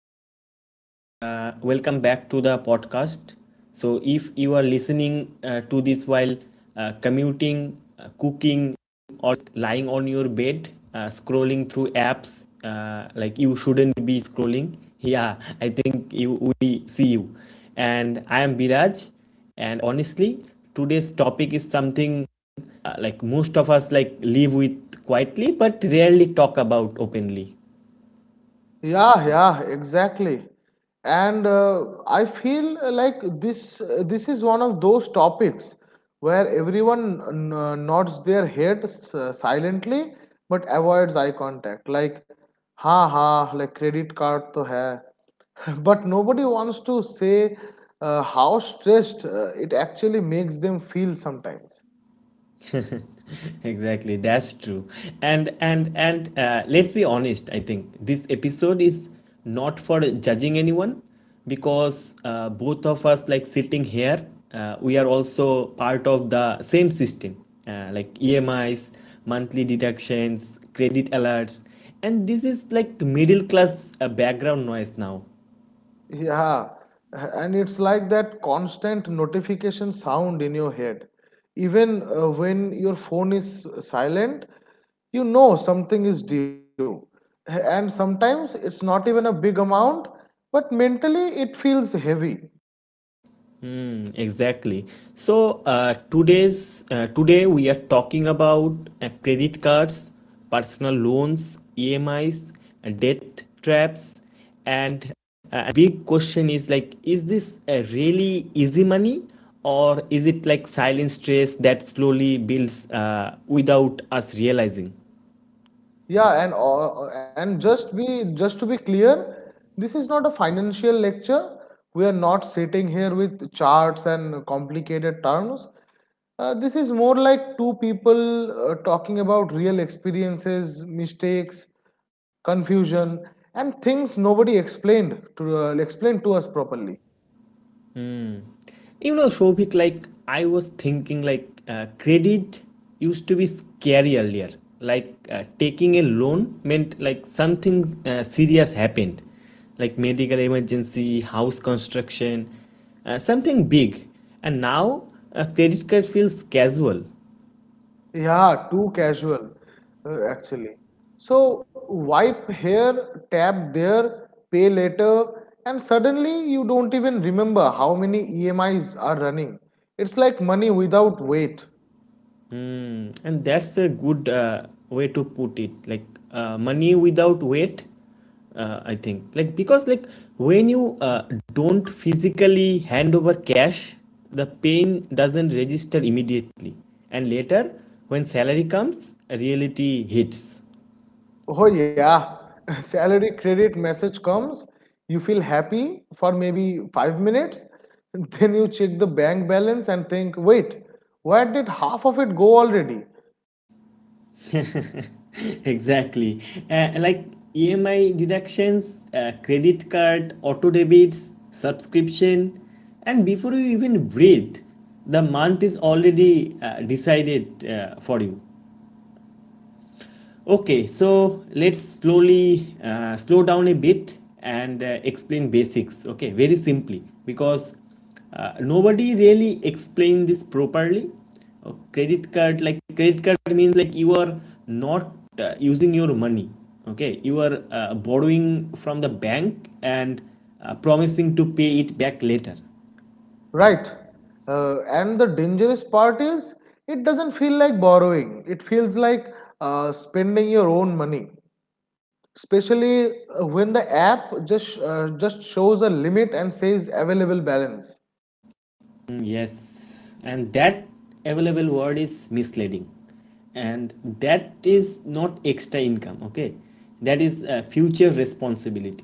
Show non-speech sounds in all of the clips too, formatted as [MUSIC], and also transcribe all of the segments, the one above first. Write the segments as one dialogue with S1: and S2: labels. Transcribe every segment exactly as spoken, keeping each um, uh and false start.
S1: everyone. Uh, welcome back to the podcast. So, if you are listening uh, to this while uh, commuting, uh, cooking, or lying on your bed, uh, scrolling through apps, uh, like you shouldn't be scrolling. Yeah, I think you, we see you. And I am Biraj. And honestly, today's topic is something uh, like most of us like live with quietly but rarely talk about openly.
S2: Yeah, yeah, exactly. And uh, I feel like this this is one of those topics where everyone n- n- nods their head s- silently but avoids eye contact. Like, ha ha, like credit card to hai. [LAUGHS] But nobody wants to say uh, how stressed uh, it actually makes them feel sometimes.
S1: [LAUGHS] Exactly, that's true. And and and uh, let's be honest, I think this episode is not for judging anyone, because uh, both of us like sitting here, uh, we are also part of the same system, uh, like EMIs, monthly deductions, credit alerts, and this is like middle class uh, background noise now.
S2: Yeah, and it's like that constant notification sound in your head. Even uh, when your phone is silent, you know something is due. And sometimes it's not even a big amount, but mentally it feels heavy.
S1: Hmm. Exactly. So uh, today's uh, Today we are talking about uh, credit cards, personal loans, E M Is, uh, debt traps, and uh, a big question is like, is this uh, really easy money, or is it like silent stress that slowly builds uh, without us realizing?
S2: Yeah, and all, and just be just to be clear, this is not a financial lecture. We are not sitting here with charts and complicated terms. Uh, this is more like two people uh, talking about real experiences, mistakes, confusion, and things nobody explained to uh, explained to us properly.
S1: You know, Shobhik, like I was thinking, like uh, credit used to be scary earlier. Like uh, taking a loan meant like something uh, serious happened, like medical emergency, house construction, uh, something big. And now a credit card feels casual.
S2: Yeah, too casual, uh, actually. So wipe here, tap there, pay later, and suddenly you don't even remember how many E M Is are running. It's like money without weight.
S1: Mm, and that's a good uh, way to put it. Like uh, money without weight, uh, I think. Like because like when you uh, don't physically hand over cash, the pain doesn't register immediately, and later when salary comes, reality hits.
S2: Oh, yeah, [LAUGHS] salary credit message comes, you feel happy for maybe five minutes, [LAUGHS] then you check the bank balance and think, wait, where did half of it go already?
S1: [LAUGHS] Exactly. Uh, like EMI deductions, uh, credit card auto debits, subscription, and before you even breathe, the month is already uh, decided uh, for you. Okay, so let's slowly uh, slow down a bit and uh, explain basics. Okay, very simply, because uh, nobody really explain this properly. Uh, credit card like credit card means like you are not uh, using your money. Okay, you are uh, borrowing from the bank and uh, promising to pay it back later.
S2: Right. Uh, and the dangerous part is it doesn't feel like borrowing. It feels like uh, spending your own money, especially uh, when the app just uh, just shows a limit and says available balance.
S1: Mm, yes, and that available word is misleading, and that is not extra income, okay? That is uh, future responsibility.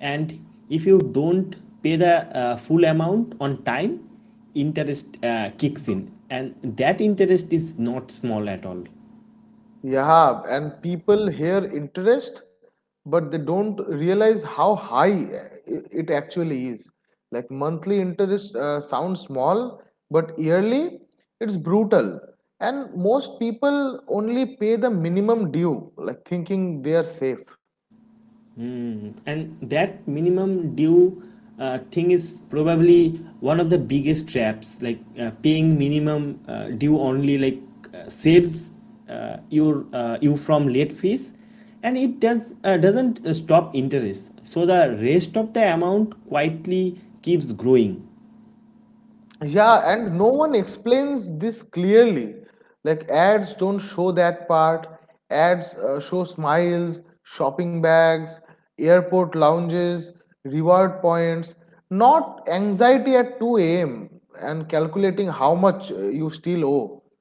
S1: And if you don't pay the uh, full amount on time, interest uh, kicks in, and that interest is not small at all.
S2: Yeah, and people hear interest, but they don't realize how high uh, i- it actually is. Like monthly interest uh, sounds small, but yearly it's brutal. And most people only pay the minimum due, like thinking they are safe.
S1: Time, and that minimum due uh, thing is probably one of the biggest traps. Like uh, paying minimum uh, due only, like uh, saves uh, your uh, you from late fees, and it does uh, doesn't uh, stop interest, so the rest of the amount quietly keeps growing.
S2: Yeah, and no one explains this clearly. Like ads don't show that part. Ads uh, show smiles, shopping bags, airport lounges, reward points, not anxiety at two a m and calculating how much uh, you still owe.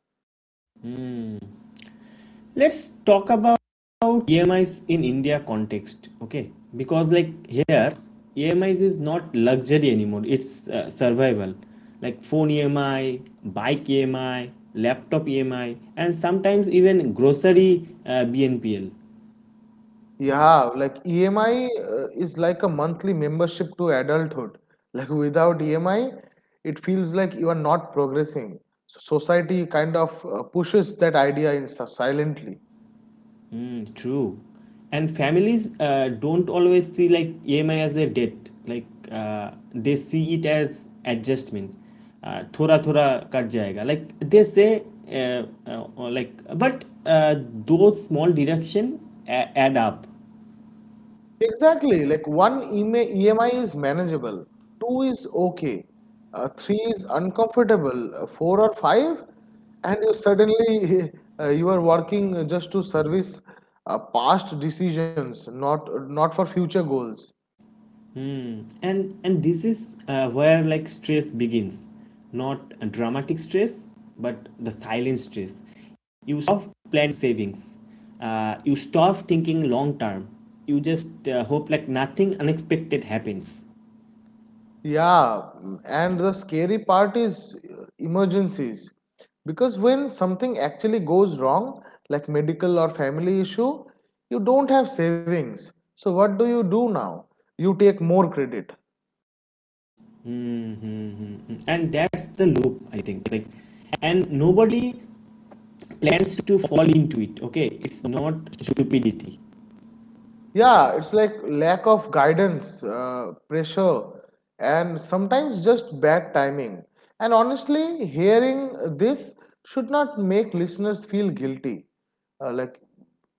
S1: Let's talk about EMIs in India context. Okay, because like here, emis is is not luxury anymore, it's uh, survival. Like phone EMI, bike EMI, laptop EMI, and sometimes even grocery uh, BNPL.
S2: Yeah, like E M I uh, is like a monthly membership to adulthood. [LAUGHS] Like without E M I, it feels like you are not progressing. So society kind of uh, pushes that idea in si- silently.
S1: Mm, true. And families uh, don't always see like E M I as a debt. Like uh, they see it as adjustment. Uh, थोड़ा थोड़ा cut जाएगा. Like they say uh, uh, like, but uh, those small deduction a- add up.
S2: Exactly, like one E M I E M I is manageable, two is okay, uh, three is uncomfortable, uh, four or five, and you suddenly [LAUGHS] uh, you are working just to service uh, past decisions, not not for future goals.
S1: Hmm. And and this is uh, where like stress begins. Not a dramatic stress, but the silent stress. You stop planning savings, uh, you stop thinking long term, you just uh, hope like nothing unexpected happens.
S2: Yeah, and the scary part is uh, emergencies. Because when something actually goes wrong, like medical or family issue, you don't have savings. So what do you do now? You take more credit.
S1: Mm-hmm. And that's the loop, I think. Like, and nobody plans to fall into it. Okay, it's not stupidity.
S2: Yeah, it's like lack of guidance, uh, pressure, and sometimes just bad timing. And honestly, hearing this should not make listeners feel guilty. Uh, like,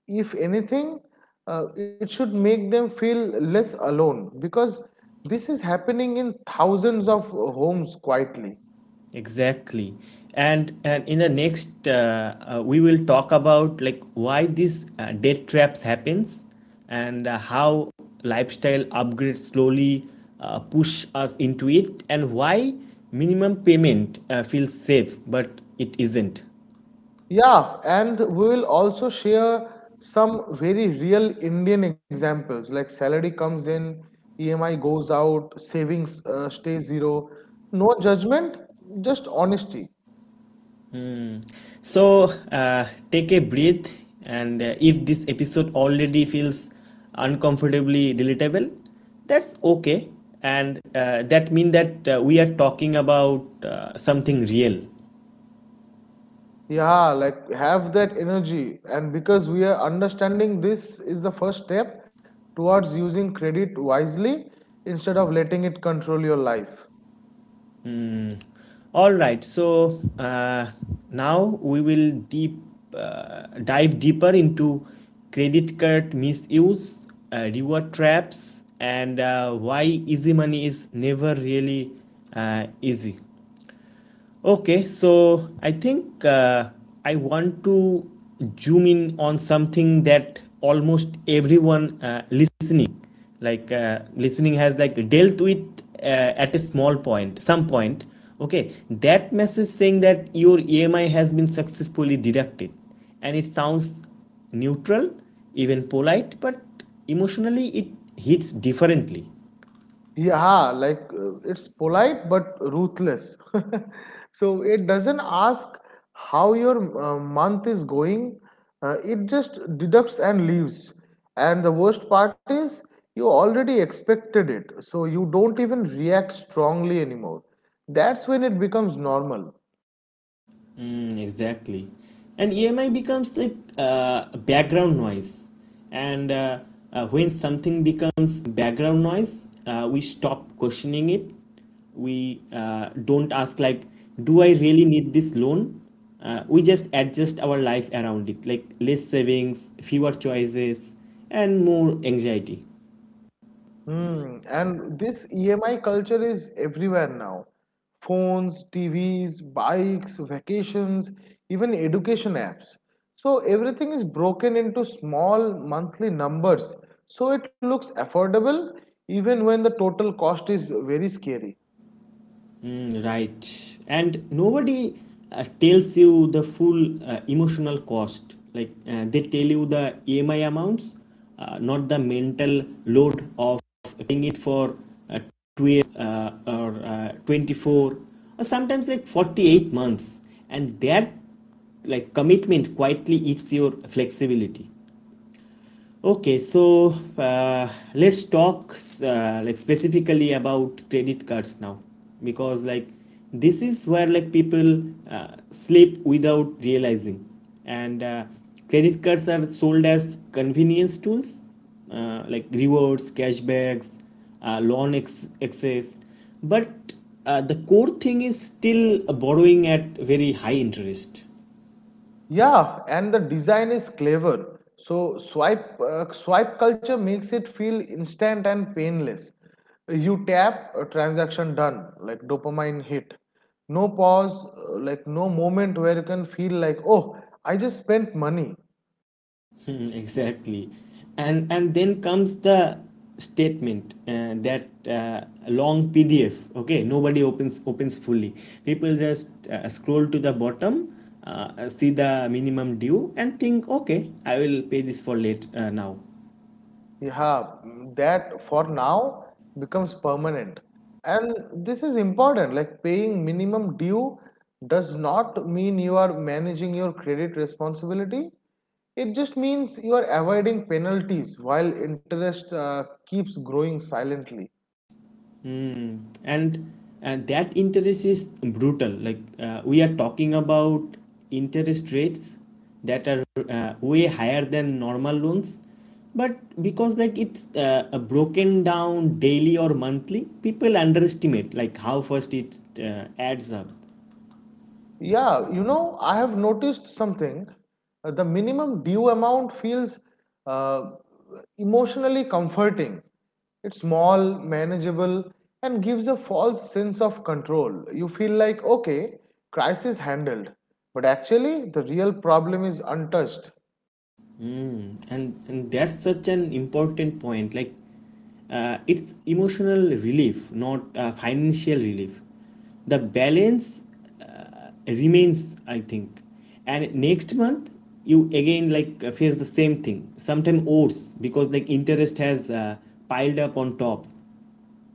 S2: if anything, uh, it should make them feel less alone because this is happening in thousands of homes quietly.
S1: Exactly. And and in the next, uh, uh, we will talk about like why these uh, debt traps happens, and uh, how lifestyle upgrades slowly uh, push us into it, and why minimum payment uh, feels safe, but it isn't.
S2: Yeah, and we will also share some very real Indian examples like salary comes in, E M I goes out, savings uh, stay zero. No judgment, just honesty.
S1: So uh, take a breath, and uh, if this episode already feels uncomfortably relatable, that's okay. And uh, that means that uh, we are talking about uh, something real.
S2: Yeah, like have that energy. And because we are understanding this is the first step towards using credit wisely instead of letting it control your life.
S1: All right, so uh, now we will deep uh, dive deeper into credit card misuse, uh, reward traps, and uh, why easy money is never really uh, easy. Okay, so I think uh, I want to zoom in on something that almost everyone uh, listening, like uh, listening, has like dealt with uh, at a small point, some point. Okay, that message saying that your E M I has been successfully deducted, and it sounds neutral, even polite, but emotionally it hits differently.
S2: Yeah, like uh, it's polite but ruthless. [LAUGHS] So it doesn't ask how your uh, month is going, uh, it just deducts and leaves. And the worst part is you already expected it, so you don't even react strongly anymore. That's when it becomes normal.
S1: Mm, exactly. And E M I becomes like uh, background noise. And uh, uh, when something becomes background noise, uh, we stop questioning it. We uh, don't ask, like, do I really need this loan? Uh, we just adjust our life around it, like less savings, fewer choices, and more anxiety.
S2: Hmm. And this E M I culture is everywhere now. Phones, T Vs, bikes, vacations, even education apps. So everything is broken into small monthly numbers. So it looks affordable even when the total cost is very scary.
S1: Mm, right. And nobody uh, tells you the full uh, emotional cost. Like uh, they tell you the E M I amounts, uh, not the mental load of paying it for uh, twelve uh, or uh, twenty-four or sometimes like forty-eight months. And that like commitment quietly eats your flexibility. Okay, so uh, let's talk uh, like specifically about credit cards now, because like this is where like people uh, sleep without realizing, and uh, credit cards are sold as convenience tools, uh, like rewards, cashbacks, uh, loan ex- excess, but uh, the core thing is still borrowing at very high interest.
S2: Yeah, and the design is clever. So swipe uh, swipe culture makes it feel instant and painless. You tap, a transaction done, like dopamine hit. No pause, uh, like no moment where you can feel like, oh, I just spent money.
S1: Hmm, exactly. And and then comes the statement uh, that uh, long P D F. Okay, nobody opens opens fully. People just uh, scroll to the bottom, uh, see the minimum due and think, okay, I will pay this for late uh, now.
S2: Yeah, mm, that for now becomes permanent. And this is important. Like paying minimum due does not mean you are managing your credit responsibility. It just means you are avoiding penalties while interest uh, keeps growing silently.
S1: Hmm. And uh, that interest is brutal. Like uh, we are talking about interest rates that are uh, way higher than normal loans, but because like it's uh, uh, broken down daily or monthly, people underestimate like how fast it uh, adds up.
S2: Yeah, you know, I have noticed something. Uh, The minimum due amount feels uh, emotionally comforting. It's small, manageable, and gives a false sense of control. You feel like, okay, crisis handled, but actually the real problem is untouched.
S1: Mm, and and that's such an important point. Like, uh, it's emotional relief, not uh, financial relief. The balance uh, remains, I think. And next month, you again like uh, face the same thing. Sometimes worse because like interest has uh, piled up on top.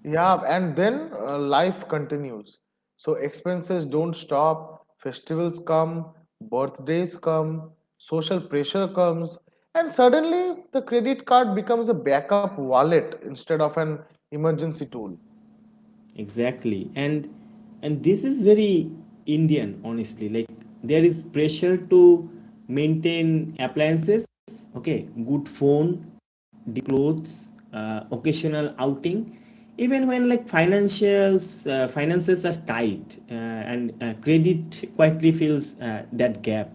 S2: Yeah, and then uh, life continues. So expenses don't stop, festivals come, birthdays come, social pressure comes, and suddenly the credit card becomes a backup wallet instead of an emergency tool.
S1: Exactly. And and this is very Indian honestly. Like there is pressure to maintain appliances, okay, good phone, decent clothes, uh, occasional outing, even when like financials uh, finances are tight, uh, and uh, credit quietly fills uh, that gap.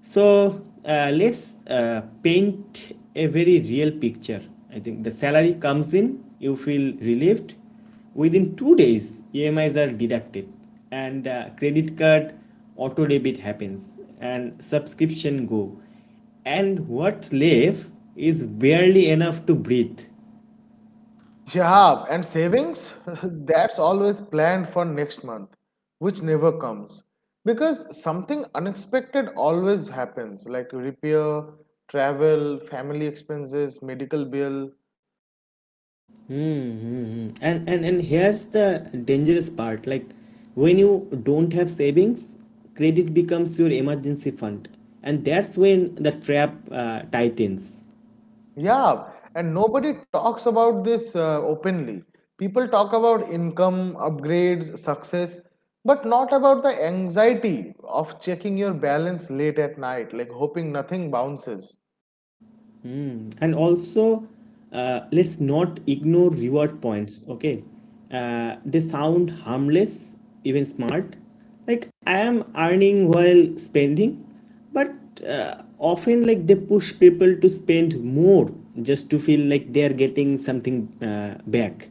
S1: So uh, let's uh, paint a very real picture. I think the salary comes in, you feel relieved. Within two days, E M Is are deducted, and uh, credit card auto debit happens, and subscription go, and what's left is barely enough to breathe.
S2: Yeah, and savings, [LAUGHS] that's always planned for next month, which never comes. Because something unexpected always happens, like repair, travel, family expenses, medical bill.
S1: Mm-hmm. And, and and here's the dangerous part. Like when you don't have savings, credit becomes your emergency fund, and that's when the trap uh, tightens.
S2: Yeah, and nobody talks about this uh, openly. People talk about income, upgrades, success, but not about the anxiety of checking your balance late at night, like hoping nothing bounces.
S1: Mm. And also, uh, let's not ignore reward points, okay? Uh, they sound harmless, even smart. Like, I am earning while spending, but uh, often, like, they push people to spend more just to feel like they are getting something uh, back.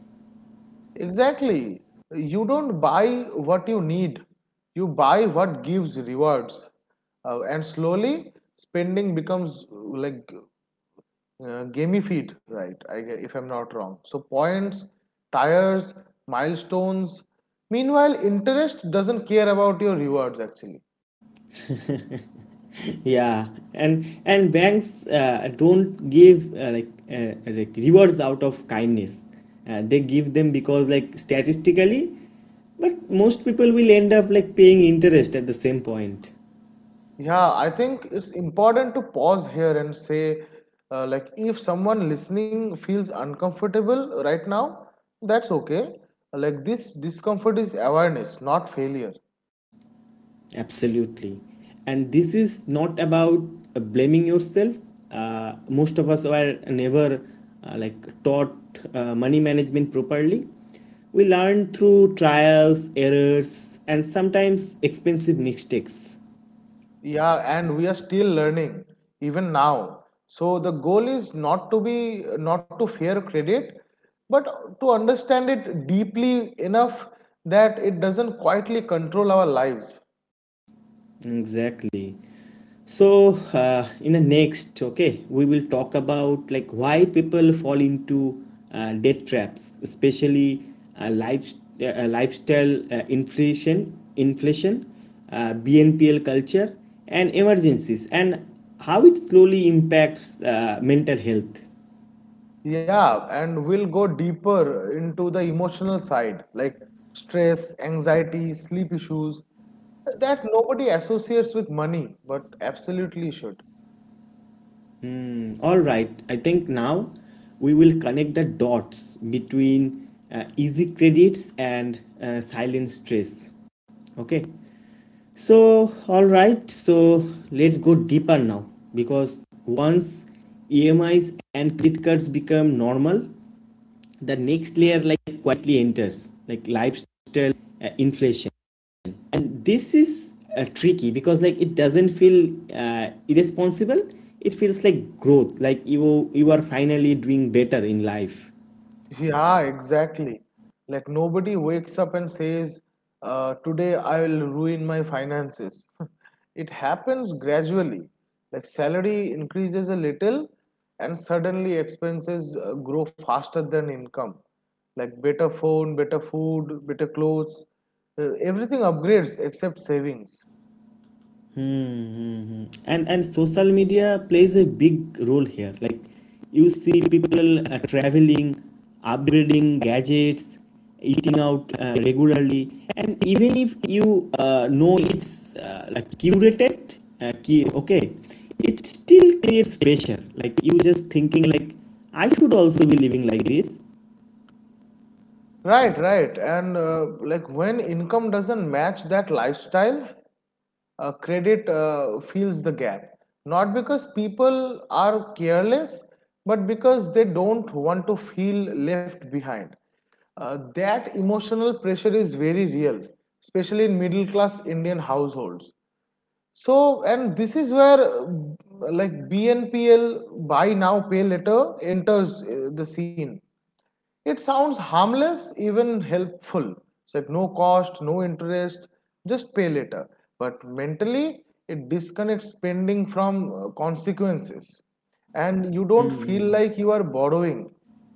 S2: Exactly. You don't buy what you need, you buy what gives rewards. Uh, and slowly, spending becomes uh, like uh, gamified, right? I, if I'm not wrong. So points, tires, milestones. Meanwhile, interest doesn't care about your rewards actually.
S1: Yeah, and and banks uh, don't give uh, like uh, like rewards out of kindness, uh, they give them because like, statistically, but most people will end up like paying interest at the same point.
S2: Yeah, I think it's important to pause here and say, uh, like, if someone listening feels uncomfortable right now, that's okay. Like, this discomfort is awareness, not failure.
S1: Absolutely, and this is not about uh, blaming yourself. Uh, most of us were never uh, like taught uh, money management properly. We learn through trials, errors, and sometimes expensive mistakes.
S2: Yeah, and we are still learning even now. So the goal is not to be not to fear credit, but to understand it deeply enough that it doesn't quietly control our lives.
S1: Exactly. So, uh, in the next, okay, we will talk about like why people fall into uh, debt traps, especially uh, life, uh, lifestyle uh, inflation, inflation, uh, B N P L culture, and emergencies, and how it slowly impacts uh, mental health.
S2: Yeah, and we'll go deeper into the emotional side, like stress, anxiety, sleep issues that nobody associates with money, but absolutely should.
S1: All right, I think now we will connect the dots between uh, easy credits and uh, silent stress. Okay. So, alright, so let's go deeper now, because once E M Is and credit cards become normal, the next layer like quietly enters like lifestyle uh, inflation. And this is uh, tricky, because like it doesn't feel uh, irresponsible. It feels like growth, like you you are finally doing better in life.
S2: Yeah, exactly. Like nobody wakes up and says, uh, today I will ruin my finances. [LAUGHS] It happens gradually. Like salary increases a little and suddenly expenses uh, grow faster than income. Like better phone, better food, better clothes. Uh, everything upgrades except savings.
S1: Mm-hmm. And and social media plays a big role here. Like you see people uh, traveling, upgrading gadgets, eating out uh, regularly, and even if you uh, know it's uh, like curated, uh, key, okay, it still creates pressure. Like you just thinking like I should also be living like this.
S2: Right, right. And uh, like when income doesn't match that lifestyle, uh, credit uh, fills the gap. Not because people are careless, but because they don't want to feel left behind. Uh, that emotional pressure is very real, especially in middle class Indian households. So, and this is where uh, like B N P L, buy now, pay later, enters uh, the scene. It sounds harmless, even helpful. It's like no cost, no interest, just pay later. But mentally, it disconnects spending from uh, consequences. And you don't feel
S1: Hmm.
S2: like you are borrowing.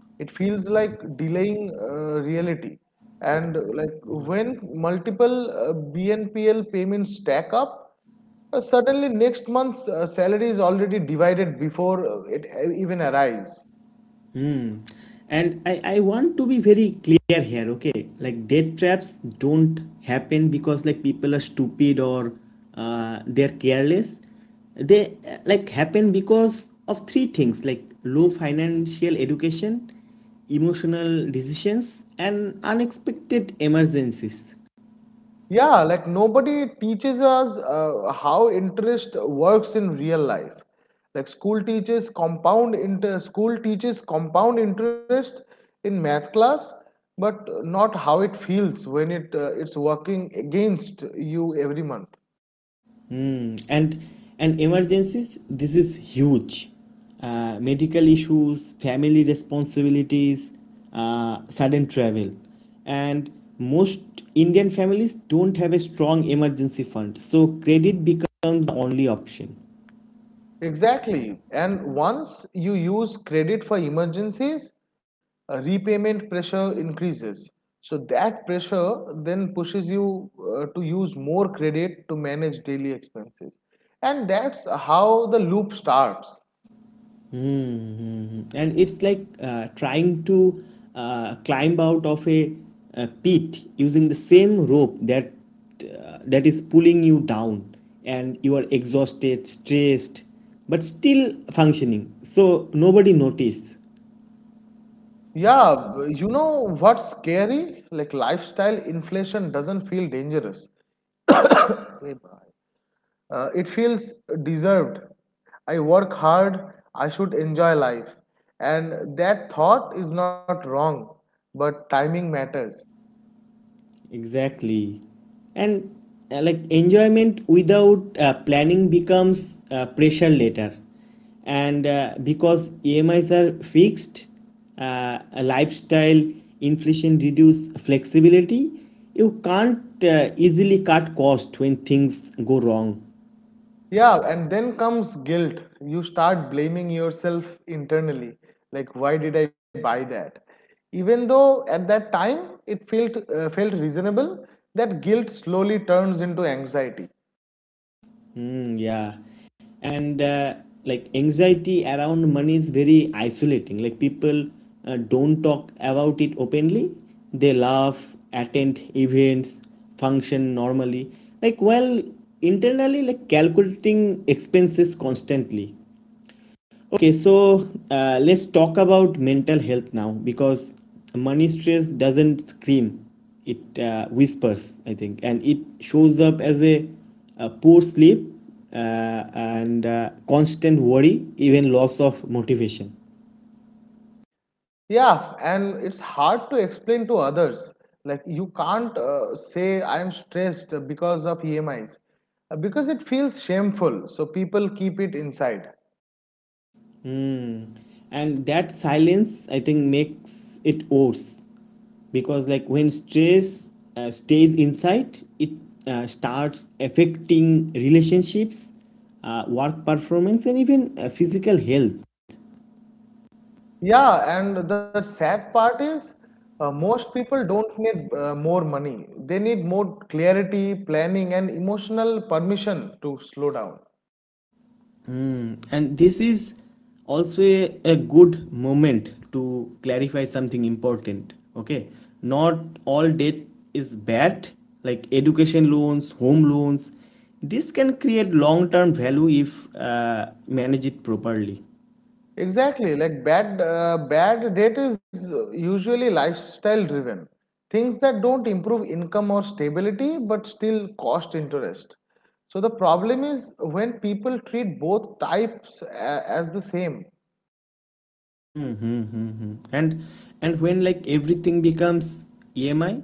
S2: It feels like delaying uh, reality. And uh, like when multiple uh, B N P L payments stack up, uh, suddenly next month's uh, salary is already divided before uh, it uh, even arrives.
S1: Hmm. And I, I want to be very clear here, okay? Like death traps don't happen because like people are stupid, or uh, they're careless. They uh, like happen because of three things, like low financial education, emotional decisions, and unexpected emergencies.
S2: Yeah, like nobody teaches us uh, how interest works in real life. Like school teaches compound inter school teaches compound interest in math class, but not how it feels when it uh, it's working against you every month.
S1: Hmm. And and emergencies, this is huge. Uh, medical issues, family responsibilities, uh, sudden travel, and most Indian families don't have a strong emergency fund, so credit becomes the only option.
S2: Exactly. And once you use credit for emergencies, uh, repayment pressure increases. So that pressure then pushes you uh, to use more credit to manage daily expenses. And that's how the loop starts.
S1: Mm-hmm. And it's like uh, trying to uh, climb out of a, a pit using the same rope that uh, that is pulling you down, and you are exhausted, stressed, but still functioning. So nobody notices.
S2: Yeah, b- you know what's scary? Like lifestyle inflation doesn't feel dangerous. Uh, it feels deserved. I work hard, I should enjoy life. And that thought is not wrong, but timing matters.
S1: Exactly. And uh, like enjoyment without uh, planning becomes uh, pressure later. And uh, Because E M Is are fixed, uh, a lifestyle inflation reduce flexibility, you can't uh, easily cut cost when things go wrong.
S2: Yeah, and then comes guilt. You start blaming yourself internally. Like, why did I buy that? Even though at that time it felt, uh, felt reasonable, that guilt slowly turns into anxiety.
S1: Mm, yeah. And uh, like anxiety around money is very isolating. Like people uh, don't talk about it openly. They laugh, attend events, function normally. Like while internally like calculating expenses constantly. Okay, so uh, let's talk about mental health now, because money stress doesn't scream, it uh, whispers, I think, and it shows up as a, a poor sleep uh, and uh, constant worry, even loss of motivation.
S2: Yeah, and it's hard to explain to others. Like, you can't uh, say I'm stressed because of E M Is uh, because it feels shameful. So, people keep it inside.
S1: Hmm. And that silence, I think, makes it worse because like when stress uh, stays inside it uh, starts affecting relationships, uh, work performance, and even uh, physical health.
S2: Yeah, and the sad part is uh, most people don't need uh, more money, they need more clarity, planning, and emotional permission to slow down.
S1: Hmm, and this is also a, a good moment to clarify something important, okay? Not all debt is bad, like education loans, home loans, this can create long term value if uh, manage it properly.
S2: Exactly, like bad uh, bad debt is usually lifestyle driven. Things that don't improve income or stability but still cost interest. So the problem is when people treat both types a- as the same.
S1: Mm-hmm. And and when like everything becomes E M I,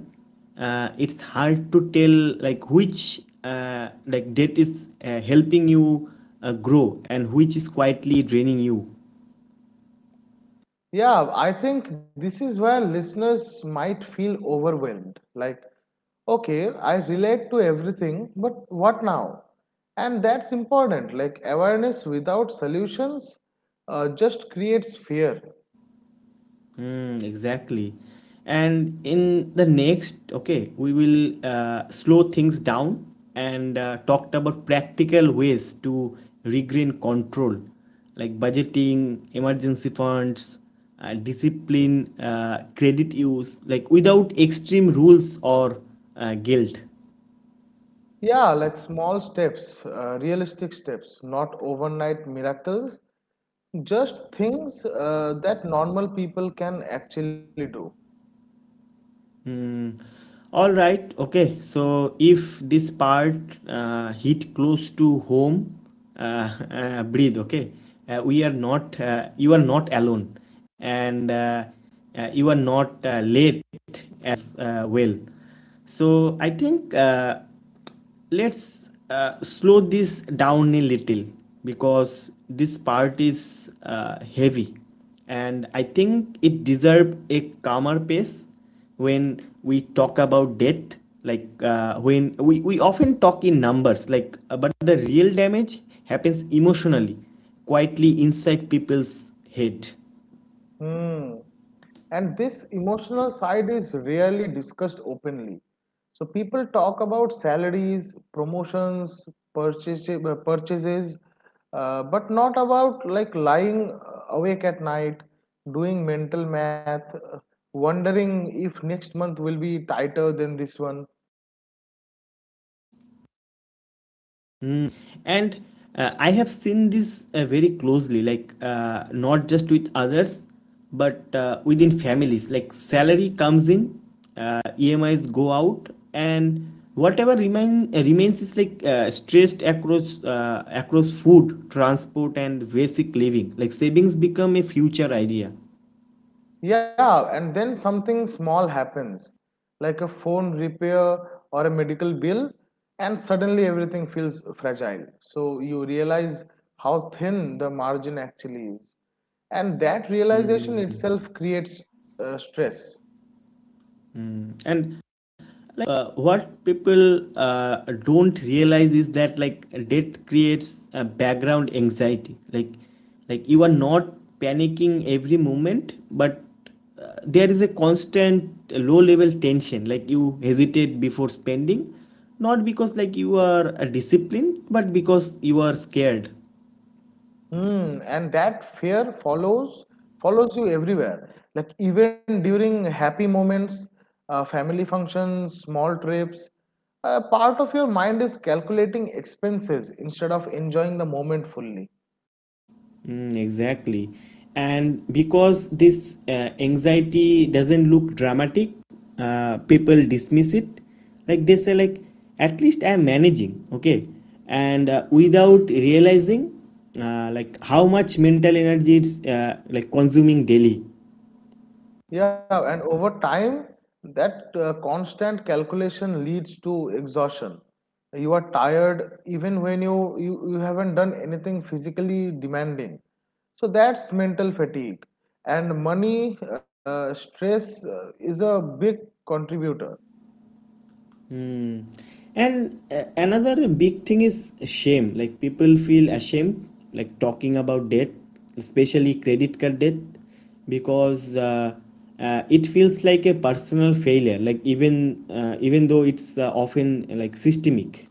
S1: uh, it's hard to tell like which uh, like debt is uh, helping you uh, grow and which is quietly draining you.
S2: Yeah, I think this is where listeners might feel overwhelmed. Like, okay, I relate to everything, but what now? And that's important. Like, awareness without solutions uh, just creates fear.
S1: Mm, exactly. And in the next, okay, we will uh, slow things down and uh, talked about practical ways to regain control, like budgeting, emergency funds, uh, discipline, uh, credit use, like without extreme rules or uh, guilt.
S2: Yeah, like small steps, uh, realistic steps, not overnight miracles, just things uh, that normal people can actually do.
S1: Mm, all right. Okay. So if this part uh, hit close to home, uh, [LAUGHS] uh, breathe. Okay. Uh, we are not. Uh, you are not alone, and uh, uh, you are not uh, late as uh, well. So I think. Uh, let's uh, slow this down a little because this part is uh, heavy, and I think it deserves a calmer pace. When we talk about death, like uh, when we, we often talk in numbers, like uh, but the real damage happens emotionally, quietly, inside people's head.
S2: Hmm. And this emotional side is rarely discussed openly. So people talk about salaries, promotions, purchase, uh, purchases, uh, but not about like lying uh, awake at night, doing mental math, uh, wondering if next month will be tighter than this one.
S1: Mm. And uh, I have seen this uh, very closely, like uh, not just with others, but uh, within families. Like salary comes in, uh, E M Is go out, and whatever remain uh, remains is like uh, stressed across uh, across food, transport, and basic living. Like savings become a future idea,
S2: Yeah, and then something small happens, like a phone repair or a medical bill, and suddenly everything feels fragile. So you realize how thin the margin actually is. And that realization itself creates uh, stress.
S1: and like uh, what people uh, don't realize is that like debt creates a background anxiety, like like you are not panicking every moment, but uh, there is a constant low level tension, like you hesitate before spending, not because like you are uh, disciplined but because you are scared.
S2: Hmm, and that fear follows follows you everywhere. Like even during happy moments, uh, family functions, small trips, uh, part of your mind is calculating expenses instead of enjoying the moment fully.
S1: Mm, exactly. And because this uh, anxiety doesn't look dramatic, uh, people dismiss it. Like they say, like, at least I'm managing, okay? And uh, without realizing, uh, like, how much mental energy it's uh, like consuming daily.
S2: Yeah, and over time, that uh, constant calculation leads to exhaustion. You are tired even when you, you, you haven't done anything physically demanding. So that's mental fatigue. And money uh, stress uh, is a big contributor.
S1: Hmm. And uh, another big thing is shame. Like people feel ashamed, like talking about debt, especially credit card debt, because uh, uh, it feels like a personal failure. Like even uh, even though it's uh, often uh, like systemic.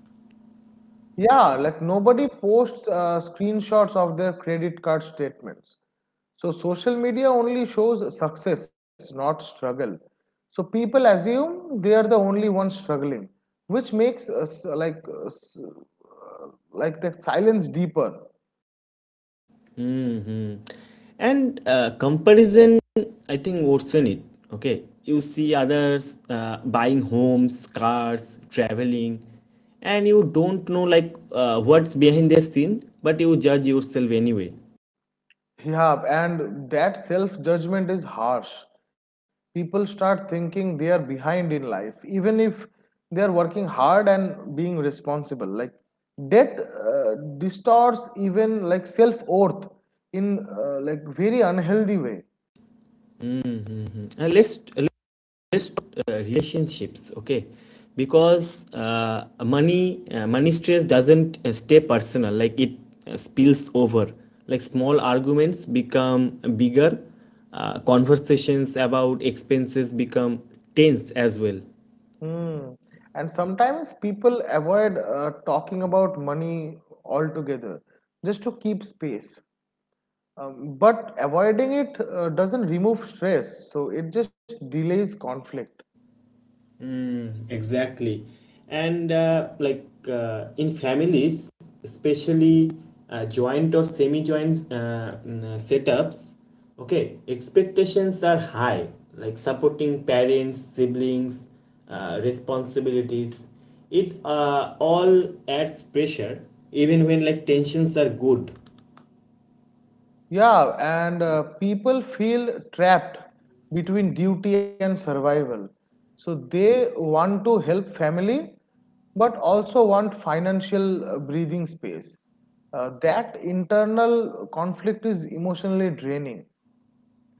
S2: Yeah, like nobody posts uh, screenshots of their credit card statements. So social media only shows success, not struggle. So people assume they are the only ones struggling, which makes us uh, like uh, s- uh, like the silence deeper.
S1: Hmm. And uh, comparison, I think, worsen it. Okay, you see others uh, buying homes, cars, traveling, and you don't know like uh, what's behind their scene, but you judge yourself anyway.
S2: Yeah, and that self judgment is harsh. People start thinking they are behind in life, even if they are working hard and being responsible. Like that uh, distorts even like self worth in uh, like very unhealthy way.
S1: Uh, let's best uh, relationships, okay? Because uh, money uh, money stress doesn't uh, stay personal, like it uh, spills over, like small arguments become bigger, uh, conversations about expenses become tense as well.
S2: Hmm. And sometimes people avoid uh, talking about money altogether just to keep space. Um, but avoiding it uh, doesn't remove stress, so it just delays conflict.
S1: Mm, exactly. And uh, like uh, in families, especially uh, joint or semi-joint uh, mm, uh, setups, okay, expectations are high, like supporting parents, siblings, uh, responsibilities. It uh, all adds pressure, even when like tensions are good.
S2: Yeah, and uh, people feel trapped between duty and survival. So they want to help family, but also want financial uh, breathing space. Uh, that internal conflict is emotionally draining.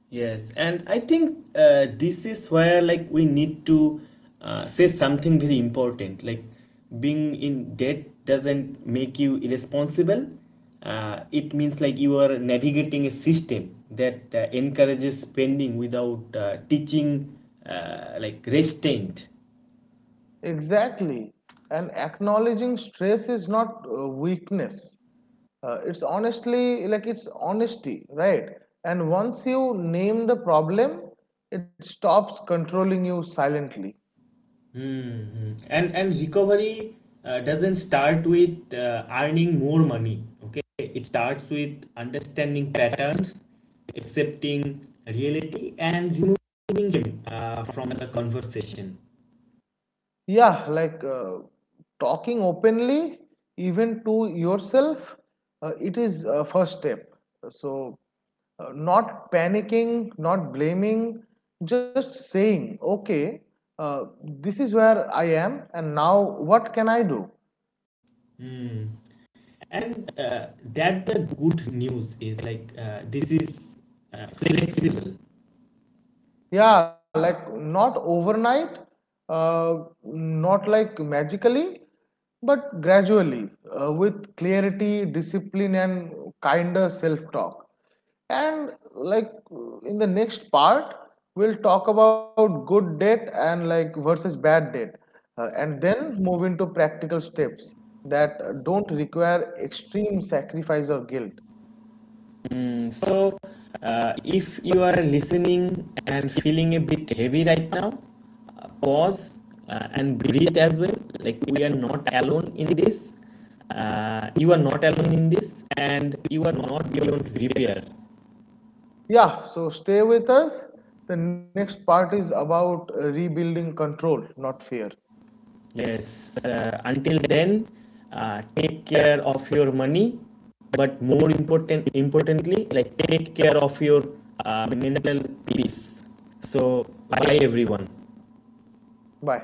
S1: Yes, and I think uh, this is where like we need to uh, say something very important. Like being in debt doesn't make you irresponsible. Uh, it means like you are navigating a system that uh, encourages spending without uh, teaching uh, like restraint.
S2: Exactly. And acknowledging stress is not uh, weakness. Uh, it's honestly like it's honesty, right? And once you name the problem, it stops controlling you silently.
S1: Mm-hmm. And and recovery uh, doesn't start with uh, earning more money. Okay, it starts with understanding patterns, accepting reality, and removing him uh, from the conversation.
S2: Yeah, like uh, talking openly even to yourself, uh, it is a first step. So uh, not panicking, not blaming, just saying, okay, uh, this is where I am and now what can I do?
S1: Mm. And uh, that the good news is like uh, this is uh, flexible.
S2: Yeah, like not overnight, uh, not like magically, but gradually, uh, with clarity, discipline, and kinder self talk. And like in the next part we'll talk about good debt and like versus bad debt, uh, and then move into practical steps that don't require extreme sacrifice or guilt.
S1: Mm. So, uh, if you are listening and feeling a bit heavy right now, uh, pause uh, and breathe as well. Like, we are not alone in this. Uh, you are not alone in this, and you are not beyond repair.
S2: Yeah, so stay with us. The next part is about uh, rebuilding control, not fear.
S1: Yes, uh, until then, uh, take care of your money, but more important, importantly, like, take care of your uh, mental peace. So, bye everyone.
S2: Bye.